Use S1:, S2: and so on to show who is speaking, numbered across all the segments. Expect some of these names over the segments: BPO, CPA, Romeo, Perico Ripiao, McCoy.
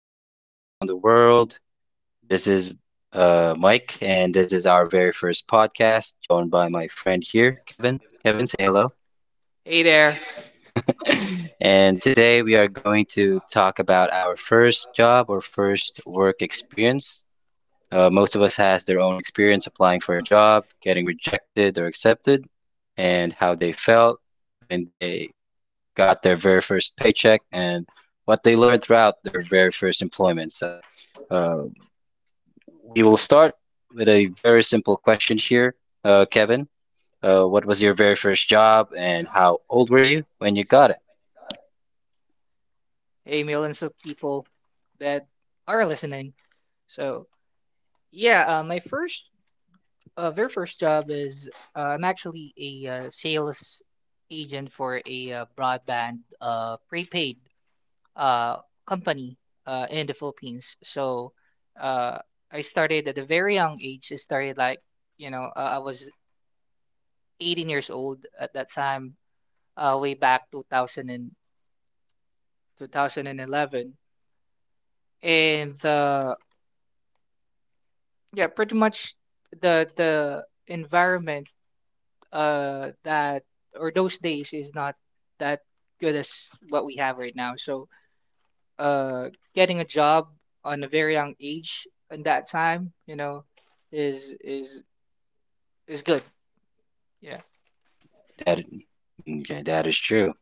S1: of followers around the world. This is Mike, and this is our very first podcast, joined by my friend here, Kevin. Kevin, say hello. And today we are going to talk about our first job or first work experience. Most of us has their own experience applying for a job, getting rejected or accepted, and how they felt when they got their very first paycheck and what they learned throughout their very first employment. So, uh, We will start with a very simple question here, Kevin. What was your very first job, and how old were you when you got it?
S2: Hey, millions of people that are listening. So, yeah, my first, very first job is I'm actually a sales agent for a broadband prepaid uh, company in the Philippines. So, uh, I started at a very young age. I started like, you know, I was 18 years old at that time, way back 2000 2011. And 2011. And yeah, pretty much the environment that or those days is not that good as what we have right now. So uh getting a job on a very young age in that time, you know, is is good. Yeah.
S1: That, okay, that is true.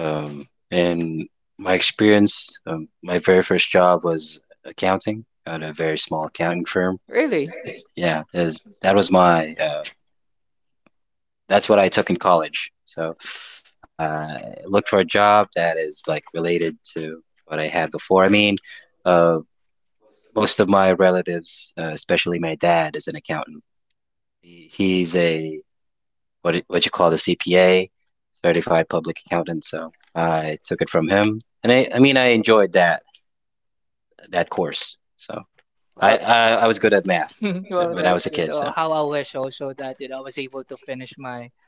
S1: In my experience, my very first job was accounting at a very small accounting firm.
S2: Really?
S1: Yeah, is that was my. That's what I took in college. So I looked for a job that is like related to what I had before. Uh. Most of my relatives, especially my dad, is an accountant. He's a what you call the CPA, certified public accountant. So I took it from him, and I enjoyed that course. So
S2: Well, it,
S1: I was good at math
S2: well,
S1: when
S2: that's
S1: I was a
S2: good.
S1: kid.
S2: Well,
S1: So
S2: how I wish also that I was able to finish my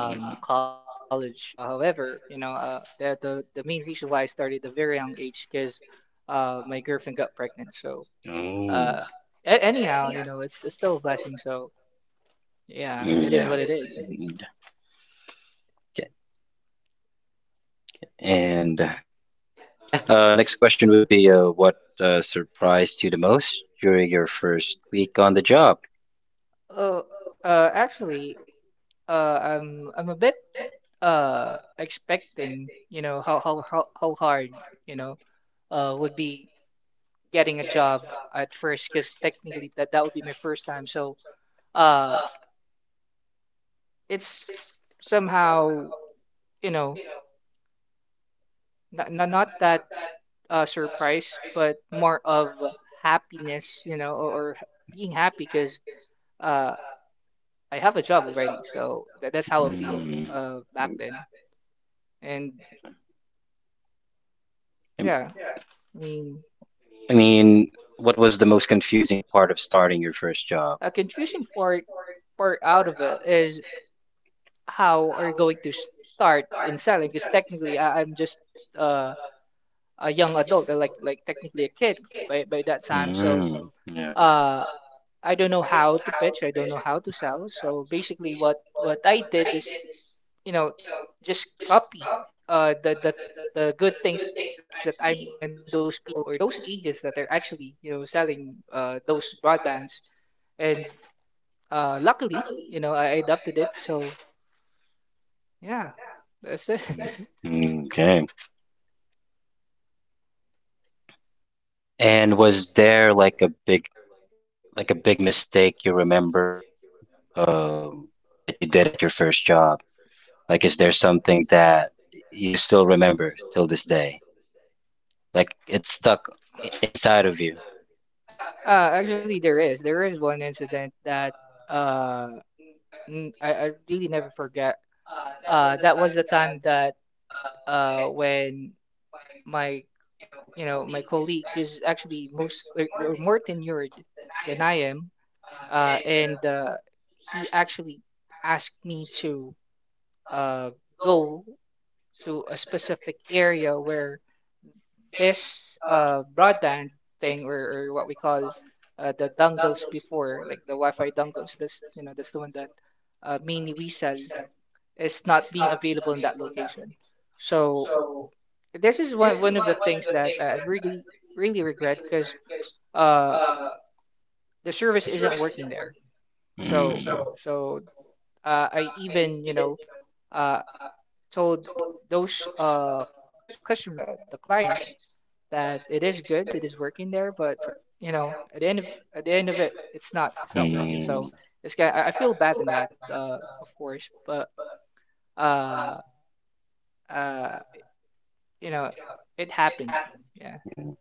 S1: mm.
S2: college. However, the main reason why I started at a very young age because my girlfriend got pregnant. So
S1: Mm.
S2: uh, anyhow, you know, it's still a blessing. So yeah,
S1: Mm,
S2: it is
S1: yeah,
S2: what it is.
S1: mm, okay. And yeah. Next question would be what surprised you the most during your first week on the job?
S2: Uh, actually, I'm a bit expecting, you know, how hard, you know, would be getting a job at first because technically that would be my first time. So uh, it's somehow, you know, not that surprise, but more of happiness, you know, or being happy because uh, I have a job already. So that's how I feel
S1: Mm.
S2: back then. And
S1: I
S2: yeah, I mean,
S1: I mean, what was the most confusing part of starting your first job?
S2: a confusing part out of it is how are you going to start in selling? Because technically, I'm just uh, a young adult, like technically a kid by that time. So.
S1: Mm, yeah.
S2: Uh, I don't know how to pitch. I don't know how to sell. So basically, what I did is, you know, just copy the the good things that I'm seeing and those people or those agents that are actually, you know, selling those broadbands. And luckily, you know, I adopted it. So yeah, that's it.
S1: Mm, okay. And was there like a big mistake you remember um that you did at your first job? Like, is there something that you still remember till this day? Like, it's stuck inside of you.
S2: There is one incident that uh, I really never forget. That was the time that when my, you know, my colleague is actually most, or more tenured than I am, and he actually asked me to uh, go to a specific area where this broadband thing, or what we call the dongles before, like the Wi-Fi dongles, that's you know that's the one that mainly we sell is not being available in that location. So this is one of the things that I really really regret because uh the service isn't working there.
S1: Mm,
S2: So so I even, you know, uh told those customers or the clients that it is good, it is working there, but you know at the end of it, it's not, it's not working. So it's kind I feel bad in that, of course, but uh uh you know it happened. Yeah.
S1: mm,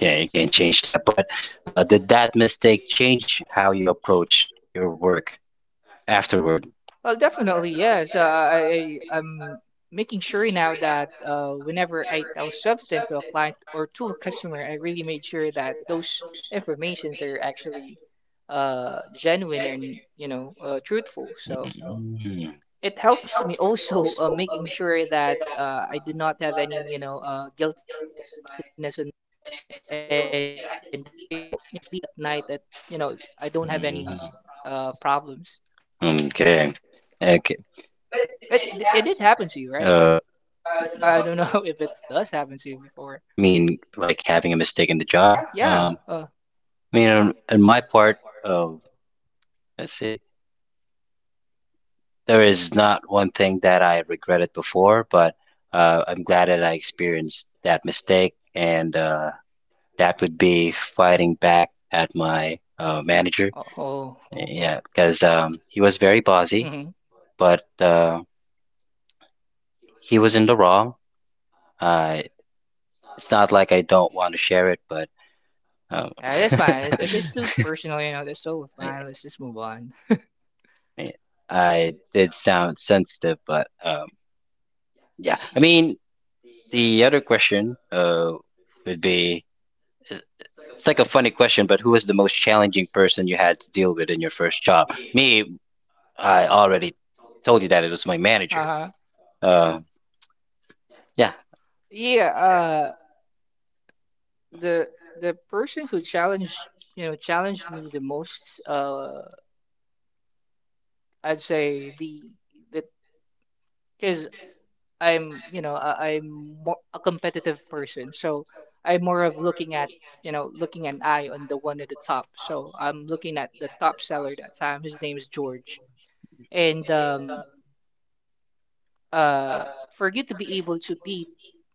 S1: yeah, you can't change that. But did that mistake change how you approach your work afterward?
S2: Well, definitely, yes. I'm making sure now that whenever I tell something to a client or to a customer, I really made sure that those informations are actually genuine and, you know, truthful. So
S1: Mm,
S2: it helps me also, making sure that I do not have any, you know, guiltiness on my end, and I feel, you know, I can sleep at night you know, I don't have any
S1: mm.
S2: problems.
S1: Okay. Okay.
S2: It it did happen to you, right?
S1: Uh,
S2: I don't know if it does happen to you before.
S1: I mean, like having a mistake in the
S2: Yeah.
S1: job. I mean, on my part, uh, let's see, there is not one thing that I regretted before, but I'm glad that I experienced that mistake, and that would be fighting back at my manager.
S2: Oh, oh, oh. Oh.
S1: Yeah, because he was very bossy,
S2: Mm-hmm.
S1: but he was in the wrong. Uh, it's not like I don't want to share it, but um,
S2: Yeah, that's fine. It's, if it's too personal, you know, that's so
S1: I,
S2: fine. Let's just move on.
S1: I I did sound sensitive, but yeah. I mean, the other question would be it's like a funny question, but who was the most challenging person you had to deal with in your first job? Me, I already told you that it was my manager.
S2: Uh-huh.
S1: Uh, yeah.
S2: Yeah, the the person who challenged, you know, challenged me the most, I'd say the because I'm, you know, I'm more a competitive person. So I'm more of looking at, you know, looking an eye on the one at the top. So I'm looking at the top seller that time. His name is George. And for you to be able to beat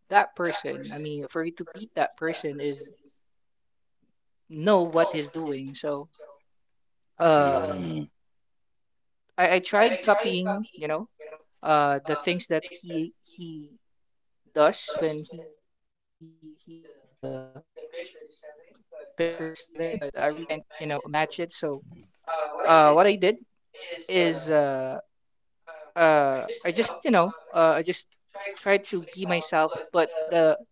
S2: that person, I mean, for you to beat that person is know what he's doing. So uh,
S1: Mm.
S2: I tried copying, you know, the things that he does when he do the picture, the selling, but I really can't, you know, match it. So what I did is, I just, you know, I just tried to be myself. But the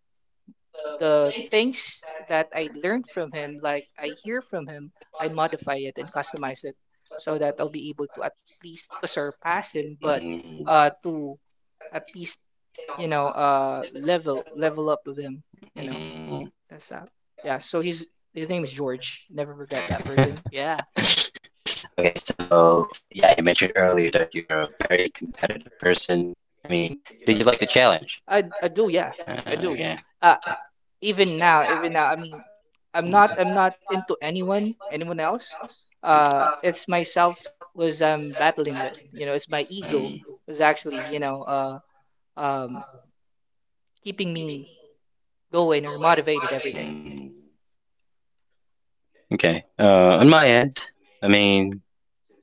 S2: the things that I learned from him, like I hear from him, I modify it and customize it so that I'll be able to at least not to surpass him, but
S1: Mm,
S2: to at least, you know, level up with him, you know.
S1: mm.
S2: That's that. Yeah, so he's, his name is George. Never forget that person. Yeah.
S1: Okay, so yeah, you mentioned earlier that you're a very competitive person. I mean, did you like the challenge?
S2: I do, yeah. I do.
S1: Yeah.
S2: Uh
S1: Okay.
S2: even now, I mean,
S1: Mm,
S2: I'm not into anyone, anyone else.
S1: mm,
S2: It's myself was I'm battling with. You know, it's my ego
S1: mm,
S2: was actually, you know, um keeping me going or motivated every day.
S1: mm. Okay. On my end, I mean,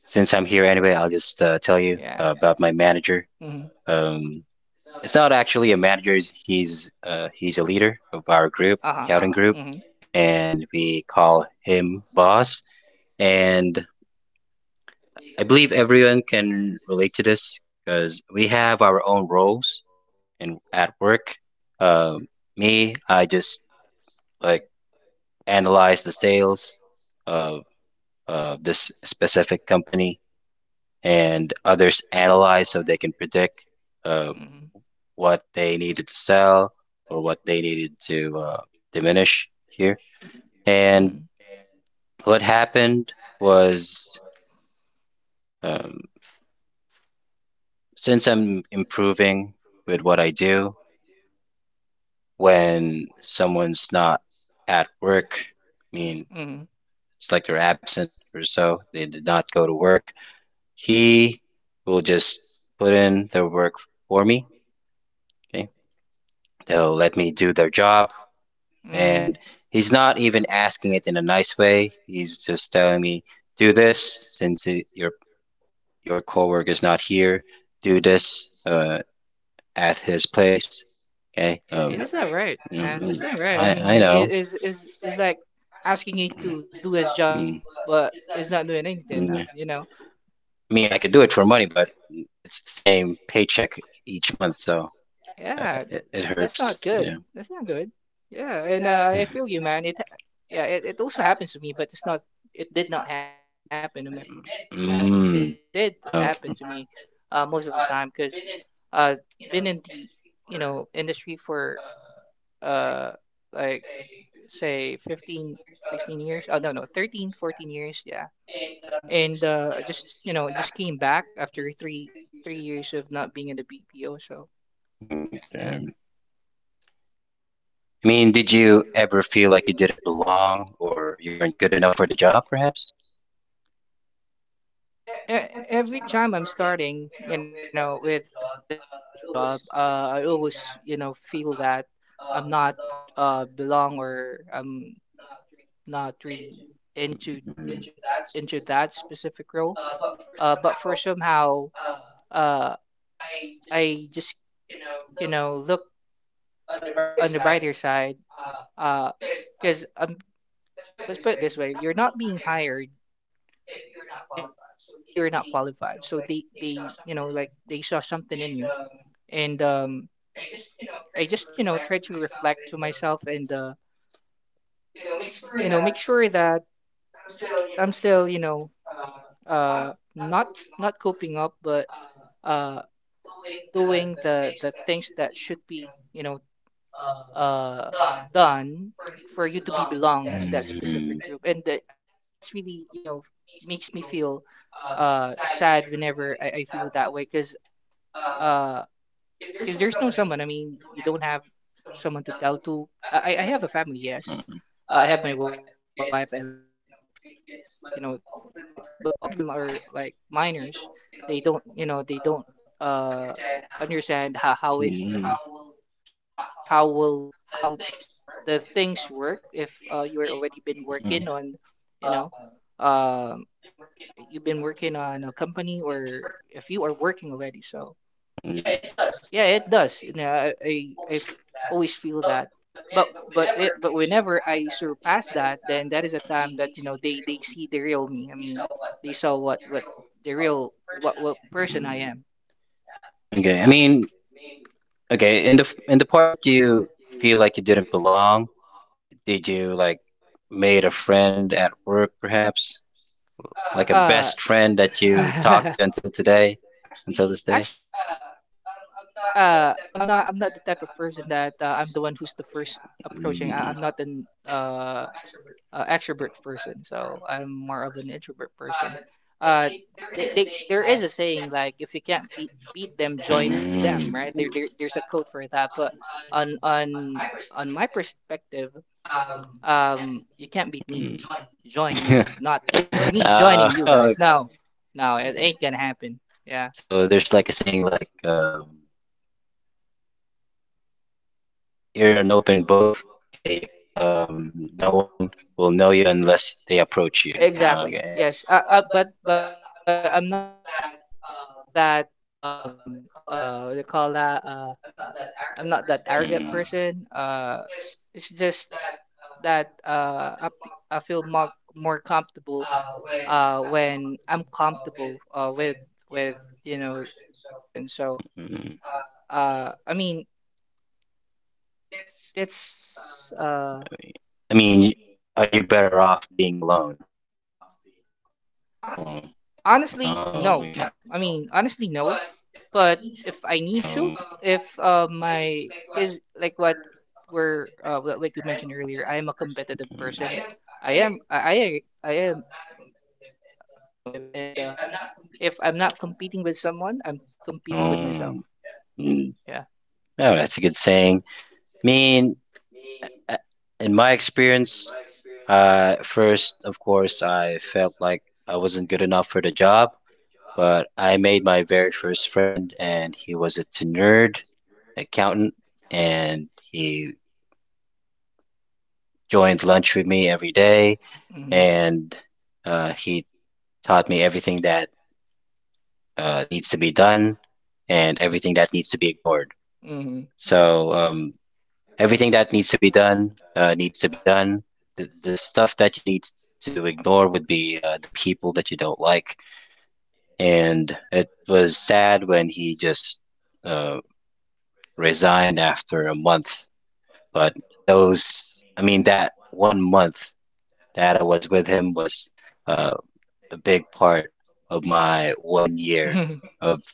S1: since I'm here anyway, I'll just tell you
S2: Yeah.
S1: about my manager.
S2: Mhm.
S1: Um, It's not actually a manager. He's a leader of our group,
S2: Uh-huh.
S1: accounting group,
S2: Mhm.
S1: and we call him boss. And I believe everyone can relate to this because we have our own roles in at work. Um, Me, I just like analyze the sales of of this specific company, and others analyze so they can predict.
S2: Mhm.
S1: uh, what they needed to sell or what they needed to diminish here.
S2: Mhm.
S1: And what happened was, um, since I'm improving with what I do, when someone's not at work, I
S2: Mhm.
S1: mean, it's like they're absent or so, they did not go to work, he will just put in their work for me. Okay. They'll let me do their job.
S2: Mhm.
S1: And he's not even asking it in a nice way. He's just telling me, do this since it, your coworker is not here. Do this at his place. Okay.
S2: Yeah, this is not right, man. This
S1: Mm,
S2: is not
S1: mm,
S2: right. I mean,
S1: I
S2: it
S1: know.
S2: is like asking it to do its job,
S1: Mm, mm,
S2: but it's not doing anything now,
S1: mm.
S2: you
S1: I
S2: know?
S1: mean, I could do it for money, but it's the same paycheck each month, so
S2: Yeah, th-
S1: it, it
S2: that's not
S1: hurts.
S2: good.
S1: Yeah.
S2: That's not good. Yeah, and I feel you, man. It yeah, it also happens to me, but it's not. It did not happen in my first job, but it did happen to
S1: Mm,
S2: me most
S1: okay.
S2: of the time because uh, been in the, you know, industry for uh like say 15, 16 years. Oh, no, no, 13, 14 years. Yeah. And just, you know, just came back after three years of not being in the BPO. So,
S1: Mm,
S2: yeah.
S1: damn. I mean, did you ever feel like you didn't belong or you weren't good enough for the job, perhaps?
S2: Every time I'm starting, you know, with a new job, I always, you know, feel that I'm not belong or I'm not really into
S1: Mm. Mm.
S2: into that specific role. But for somehow, uh, I just, you know, look on the brighter side. Uh, Because let's put it this way, you're not being hired if you're not qualified. So they, you know, like they saw something in you, and I just, you know, try to reflect to myself and, you know, make sure that I'm still, you know, not not coping up, but uh doing the things that should be, you know, uh, done for you to be belong in that
S1: Mm.
S2: specific group, and that's really, you know, makes me feel sad whenever I feel that way because there's no someone, I mean you don't have someone to tell to. I have a family, yes, I have my wife, I have kids, I have, you know, three kids, but all of them are like minors, they don't, you know, they don't uh understand how it
S1: Mm.
S2: works, or how will how the things work if, you are already been working on, you know, um you've been working on a company or if you are working already. So yeah, it does, you know, I f- always feel that. But it but whenever I surpass that, then that is a time that, you know, they see the real me, I mean, they saw what the real what person I
S1: Mm.
S2: am.
S1: Okay. I
S2: Yeah.
S1: mean, okay, in the in the part that you feel like you didn't belong, did you like made a friend at work perhaps? Like a best
S2: Uh,
S1: friend that you talk to until today, until this day?
S2: actually, uh, I'm not the type of person that, I'm the one who's the first approaching.
S1: Mm.
S2: I'm not an extrovert person, so I'm more of an introvert person. Uh, they there is a saying like if you can't beat them, join
S1: Mm.
S2: them, right? There's a code for that, but on on on my perspective, you can't beat me,
S1: Mm.
S2: join me, not me joining you
S1: Okay.
S2: guys. No, no, it ain't gonna happen. Yeah,
S1: So there's like a saying like you're an open book. Okay, no one will know you unless they approach you. Okay.
S2: exactly. Yes, but I'm not, that what do you call that, I'm not that arrogant person. It's just that I feel more comfortable when I'm comfortable with you know the person. So
S1: Mm.
S2: I mean, It's
S1: I mean, are you better off being alone? Oh,
S2: honestly
S1: oh,
S2: no.
S1: okay.
S2: I mean, honestly no, but if I need to,
S1: Um,
S2: if my, cuz like what we're, like you mentioned earlier, I am a competitive person. I am that competitive, and if I'm not competing with someone, I'm competing with myself.
S1: oh, mm.
S2: Yeah.
S1: No, that's a good saying. I mean, uh, in my experience, first, of course, I felt like I wasn't good enough for the job, but I made my very first friend, and he was a nerd accountant, and he joined lunch with me every day,
S2: Mm-hmm.
S1: and he taught me everything that needs to be done and everything that needs to be ignored.
S2: Mm-hmm.
S1: So everything that needs to be done needs to be done. The stuff that you need to ignore would be the people that you don't like. And it was sad when he just uh, resigned after a month. But those, I mean, that one month that I was with him was uh, a big part of my one year
S2: Yeah.
S1: of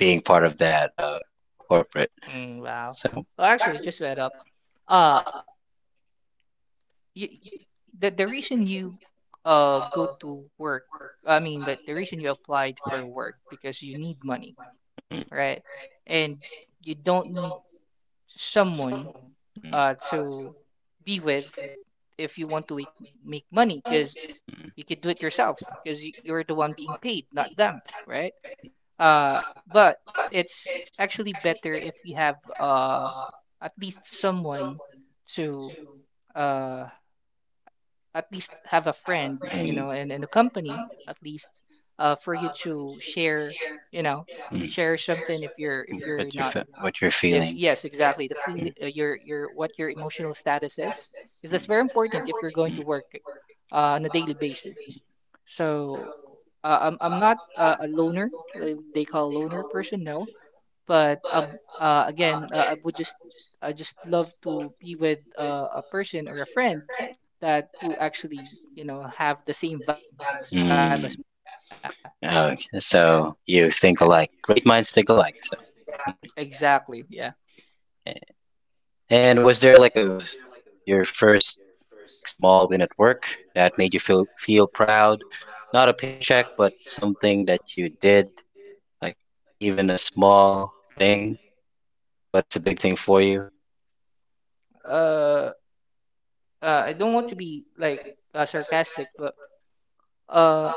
S1: being part of that corporate.
S2: Mm, wow.
S1: So,
S2: Well, actually, just to add up, uh, you, the reason you go to work. I mean, that the reason you applied for work because you need money,
S1: mm,
S2: right? And you don't need someone
S1: mm,
S2: to be with if you want to make money, because
S1: mm,
S2: you could do it yourself because you're the one being paid, not them, right? Uh, but it's actually better if you have at least someone to uh, at least have a friend, you
S1: mm,
S2: know, and, a company at least, for you to share, you know,
S1: mm.
S2: share something if you're
S1: What you're
S2: not.
S1: what you're
S2: Yes,
S1: feeling.
S2: yes, exactly. The feel
S1: Mm,
S2: your what your emotional status is, because that's very important if you're going to work on a daily basis. So, I'm not, a loner, like they call loner person. No, but again, I just love to be with, a person or a friend that who actually, you know, have the same vibe as mine.
S1: mm, mm, mm.
S2: Yeah,
S1: Okay.
S2: yeah,
S1: So you think alike. Great minds think alike. So,
S2: exactly.
S1: mm.
S2: Yeah.
S1: And was there like a your first like small win at work that made you feel feel proud? Not a paycheck, but something that you did. Like even a small thing, but it's a big thing for you.
S2: Uh, I don't want to be like sarcastic, but uh,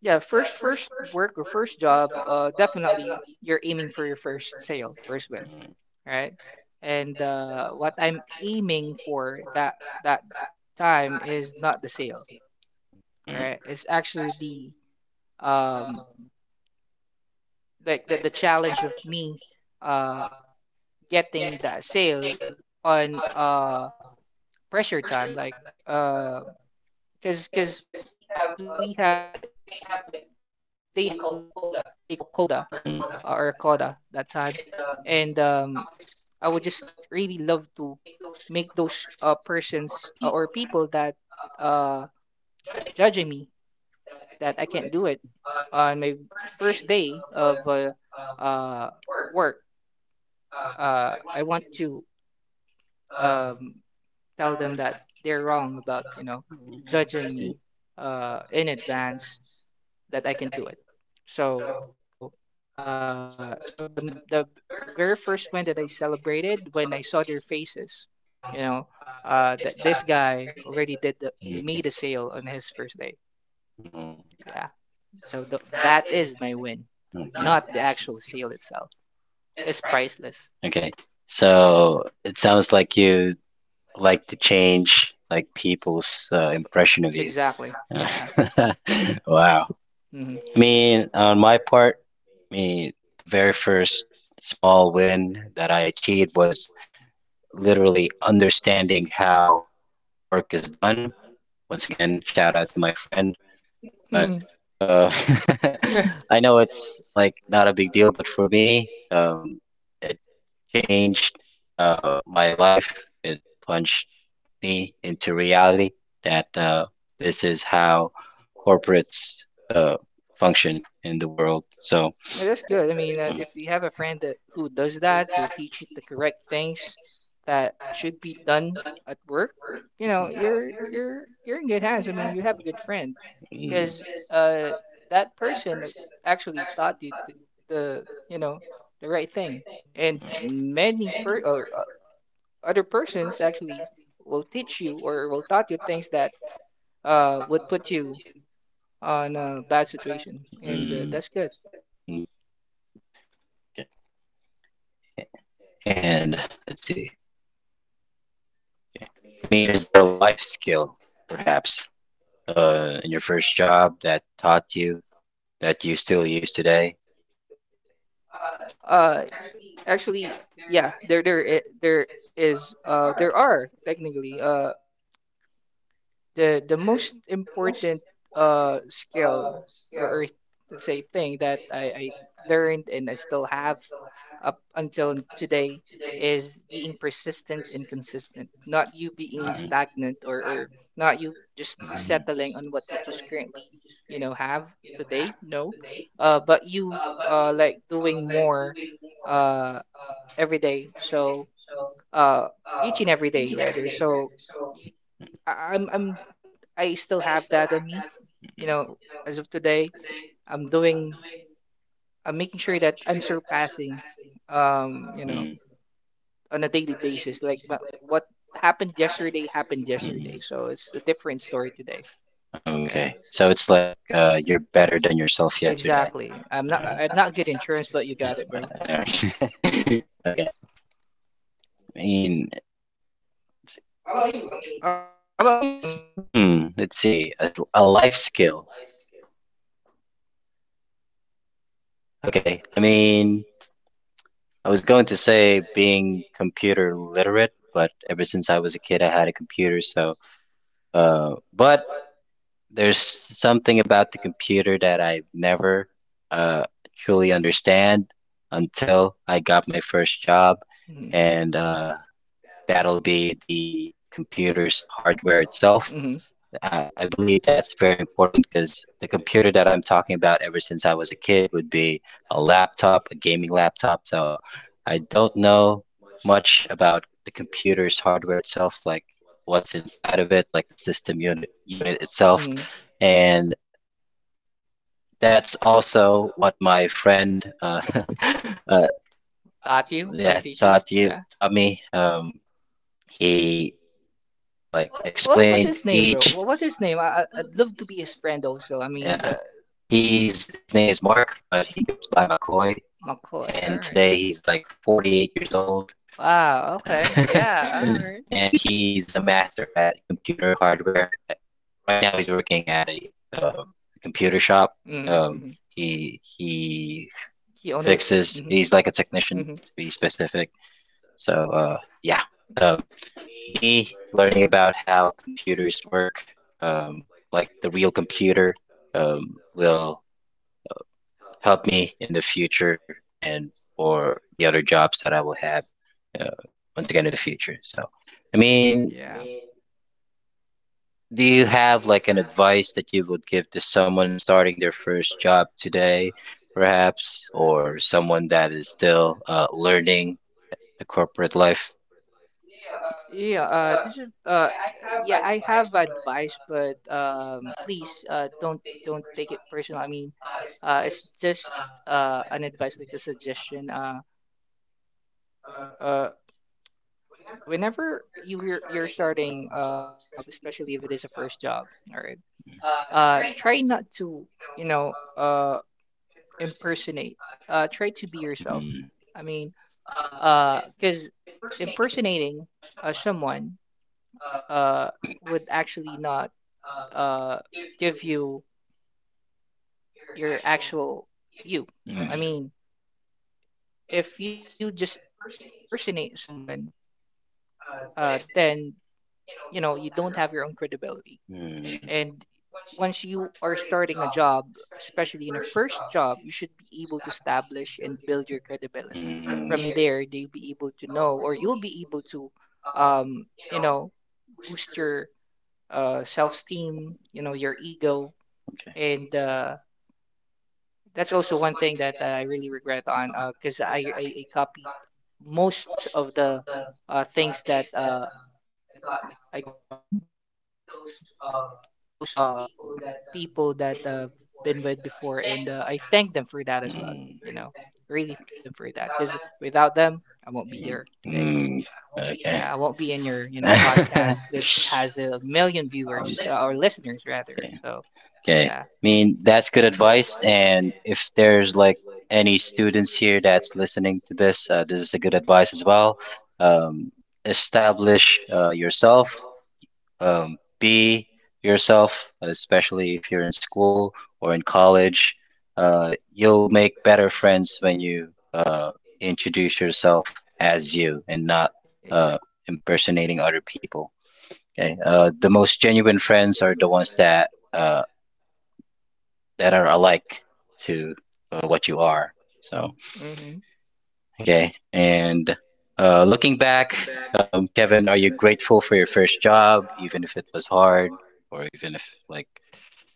S2: yeah, first work or first job, definitely you're aiming for your first sale, first win, right? And what I'm aiming for that time is not the sale. All right.
S1: Mm,
S2: It's actually the um like the challenge of me uh getting that sale on pressure time, like, uh because we have they have like they call coda, or
S1: mm,
S2: coda that time. And I would just really love to make those persons, or people that uh judging me that I can't do it on my first day of uh, work. I want to um, tell them that they're wrong about, you know, judging
S1: mm,
S2: me in advance, that I can do it. So, so the very first one that I celebrated when I saw their faces, you know, that this guy already did
S1: mm,
S2: made the sale on his first day. Yeah. So th that is my win,
S1: mm, okay.
S2: not the actual sale itself. It's priceless.
S1: Okay. So it sounds like you like to change like people's impression of you.
S2: Exactly. Yeah.
S1: Uh, wow. I
S2: Mhm.
S1: mean, on my part, I mean, the very first small win that I achieved was literally understanding how work is done. Once again, shout out to my friend,
S2: Mhm.
S1: but uh,
S2: Yeah.
S1: I know it's like not a big deal, but for me, it changed my life. It punched me into reality that this is how corporates function in the world. So,
S2: Yeah, that's good. I mean, if you have a friend that who does that, who teach you the correct things that should be done at work, you know, you're
S1: mm,
S2: you're you're in good hands. I mean, you have a good friend,
S1: mm,
S2: because uh that person actually taught you the, you know, the right thing. And many per or other persons actually will teach you or will taught you things that would put you on a bad situation, and that's good.
S1: mm, okay. And let's see. I mean, is there a life skill, perhaps, in your first job that taught you that you still use today?
S2: Uh, actually, yeah, there is, there are technically, the most important skill, or let's say thing that I learned and I still have up until today, is being persistent and consistent, not you
S1: Mhm.
S2: being stagnant, or not you
S1: Mhm.
S2: just settling on what you just currently, you know, have today. No. But you like doing more uh every day. So uh each and every day rather. So y- I- I'm I'm I still have that on me. You know, as of today, I'm doing I'm making sure that I'm surpassing, you
S1: Mm,
S2: know, on a daily basis. Like what happened yesterday happened
S1: mm.
S2: yesterday. So it's a different story today, right?
S1: Okay, so it's like you're better than yourself yesterday.
S2: Exactly.
S1: Uh,
S2: I'm not good in terms, but you got it, bro.
S1: uh, okay, I mean,
S2: How about you? I mean,
S1: hmm, let's see, a life skill. Okay, I mean, I was going to say being computer literate, but ever since I was a kid, I had a computer, so but there's something about the computer that I never uh, truly understand until I got my first job,
S2: mm-hmm,
S1: and that'll be the computer's hardware itself.
S2: mm-hmm,
S1: I believe that's very important because the computer that I'm talking about ever since I was a kid would be a laptop, a gaming laptop. So I don't know much about the computer's hardware itself, like what's inside of it, like the system unit itself.
S2: hmm.
S1: And that's also what my friend uh,
S2: Taught you,
S1: yeah,
S2: I'll teach you. Yeah.
S1: taught me. He like
S2: What was his
S1: explained
S2: name, bro?
S1: each.
S2: What was his name? I'd love to be his friend also. I
S1: Yeah,
S2: mean, the
S1: he's his name is Mark, but he goes by McCoy, and
S2: McCoy. All
S1: today
S2: right.
S1: he's like 48 years old.
S2: Wow. Okay.
S1: Uh,
S2: Yeah. All right.
S1: and he's a master at computer hardware. Right now, he's working at a computer shop. Um,
S2: Mm-hmm. Hmm.
S1: he
S2: He owned
S1: fixes.
S2: it.
S1: He's like a technician, to be
S2: Mm-hmm. Mm-hmm.
S1: specific. So yeah. Um, Me learning about how computers work, um, like the real computer, will help me in the future and for the other jobs that I will have uh, once again in the future. So, I mean,
S2: Yeah.
S1: do you have like an advice that you would give to someone starting their first job today, perhaps, or someone that is still learning the corporate life?
S2: Yeah, this is yeah, I have advice, but please, don't take it personal. I mean, it's just an advice, like a suggestion. Uh, Whenever you're starting a job, especially if it is a first job, all right, try not to, you know, impersonate. Try to be yourself.
S1: Mm,
S2: I mean, because impersonating someone uh would actually not uh give you your actual you.
S1: mm,
S2: I mean, if you just impersonate someone, then, you know, you don't have your own credibility. And once you are starting a job, especially in a first job, you should be able to establish and build your credibility.
S1: mm, mm.
S2: From there, they'll be able to know, or you'll be able to, you know, boost your self-esteem, you know, your ego,
S1: Okay.
S2: and that's also one thing that I really regret on, because I copied most of the things that I got now from those people that been with before, and I thank them for that as well.
S1: Mm,
S2: You know, really thank them for that, because without them, I won't be
S1: mm,
S2: here today.
S1: mm. Okay.
S2: Yeah, I won't be in your, you know, podcast, which has a million
S1: um, okay.
S2: viewers, or listeners rather. So
S1: Okay. I
S2: yeah.
S1: mean, that's good advice. And if there's like any students here that's listening to this, this is a good advice as well. Um, Establish yourself. Be yourself, especially if you're in school or in college. You'll make better friends when you introduce yourself as you and not uh,
S2: Exactly.
S1: impersonating other people. Okay. The most genuine friends are the ones that that are alike to what you are. So.
S2: People. Hmm.
S1: Okay. And looking back, Kevin, are you grateful for your first job, even if it was hard, or even if like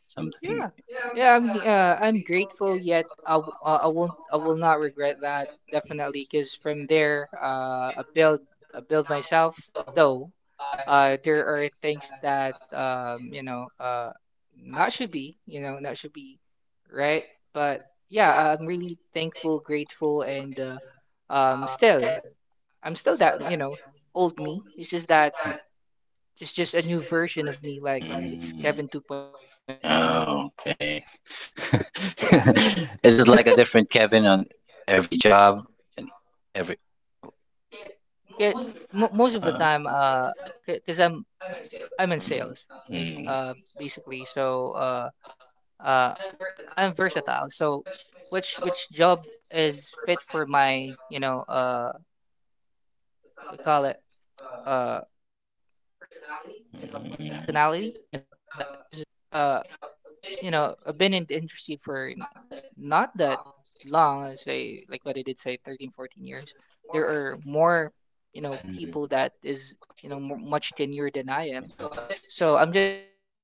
S1: something?
S2: Yeah. Yeah, I mean, I'm grateful, yet I, w- I won't, I will not regret that definitely, because from there, I build myself. Though, there are things that, you know, not should be, you know, not should be, right? But yeah, I'm really thankful, grateful, and, still. I'm still that, you know, old me. It's just that it's just a new version of me. Like it's
S1: Mm.
S2: Kevin 2.0 today.
S1: Oh, okay.
S2: Yeah.
S1: Is it like a different Kevin on every job and every?
S2: Get mo most of the
S1: Uh,
S2: time, because I'm in
S1: mm,
S2: sales, like,
S1: mm,
S2: basically. So, uh, I'm versatile. So, which job is fit for my, you know, what we call it, uh, personality? Then I'll put that because, uh. you know, I've been in the industry for not that long, I say like what I did say 13, 14 years. There are more, you know,
S1: mm,
S2: people that is, you know, more, much tenure than I am.
S1: mm,
S2: So I'm just, you know,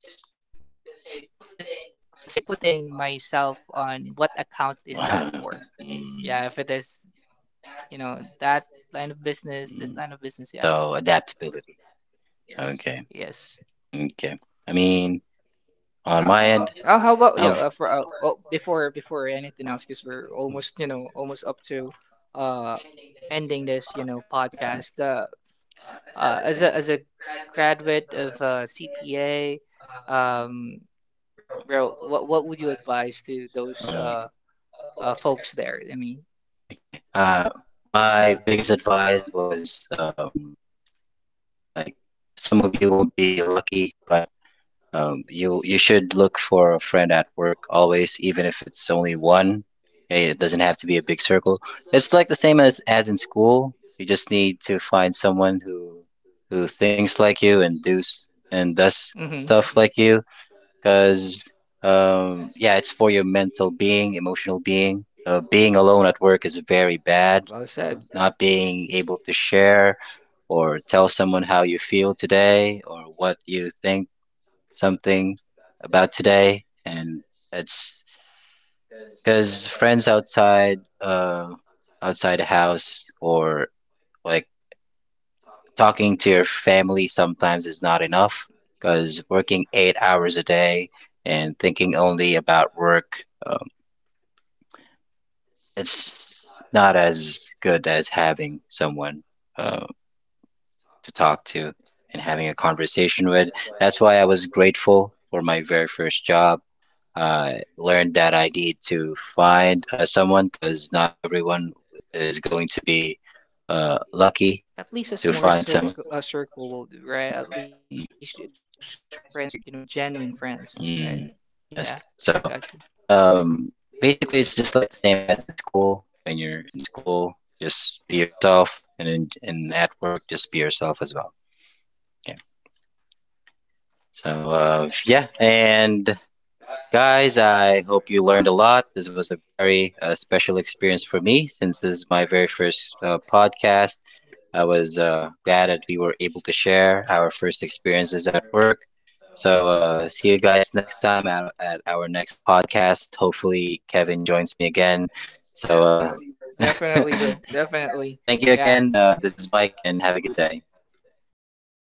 S2: just to say putting myself on what account is that for?
S1: wow.
S2: Yeah,
S1: mm.
S2: if it is, you know, that line of business, this
S1: Mm.
S2: line of business, yeah.
S1: So adaptability. Okay.
S2: Yes.
S1: Okay. I mean, on my end,
S2: Oh, how about yeah? For oh, before anything else, because we're almost, you know, almost up to uh ending this, you know, podcast. As a graduate of, CPA, um, bro, what would you advise to those folks there? I mean,
S1: okay. Okay. My biggest advice was like some of you won't be lucky, but you should look for a friend at work always, even if it's only one. Eh, it doesn't have to be a big circle. It's like the same as in school. You just need to find someone who thinks like you and does stuff like
S2: hmm.
S1: you. Because yeah, it's for your mental being, emotional being. Being alone at work is very bad. Not being able to share or tell someone how you feel today or what you think something about today, and it's because friends outside, outside the house or like talking to your family sometimes is not enough. Because working 8 hours a day and thinking only about work, it's not as good as having someone. Uh, to talk to and having a conversation with. That's why I was grateful for my very first job. I learned that I need to find someone because not everyone is going to be lucky to
S2: At
S1: find
S2: least a
S1: someone.
S2: small circle, a circle
S1: Mm,
S2: will do, right? At
S1: mm,
S2: least those friends are, you know, genuine friends,
S1: mm.
S2: right?
S1: Yes.
S2: Yeah,
S1: So
S2: I got you.
S1: um, basically, it's just like the same as in school. When you're in school, just be yourself, and in, and at work, just be yourself as well. Yeah. So, yeah, and guys, I hope you learned a lot. This was a very special experience for me since this is my very first podcast. I was glad that we were able to share our first experiences at work. So, see you guys next time at our next podcast. Hopefully, Kevin joins me again. So,
S2: Definitely, bro. Definitely. Yeah.
S1: thank you again. This is Mike, and have a good day.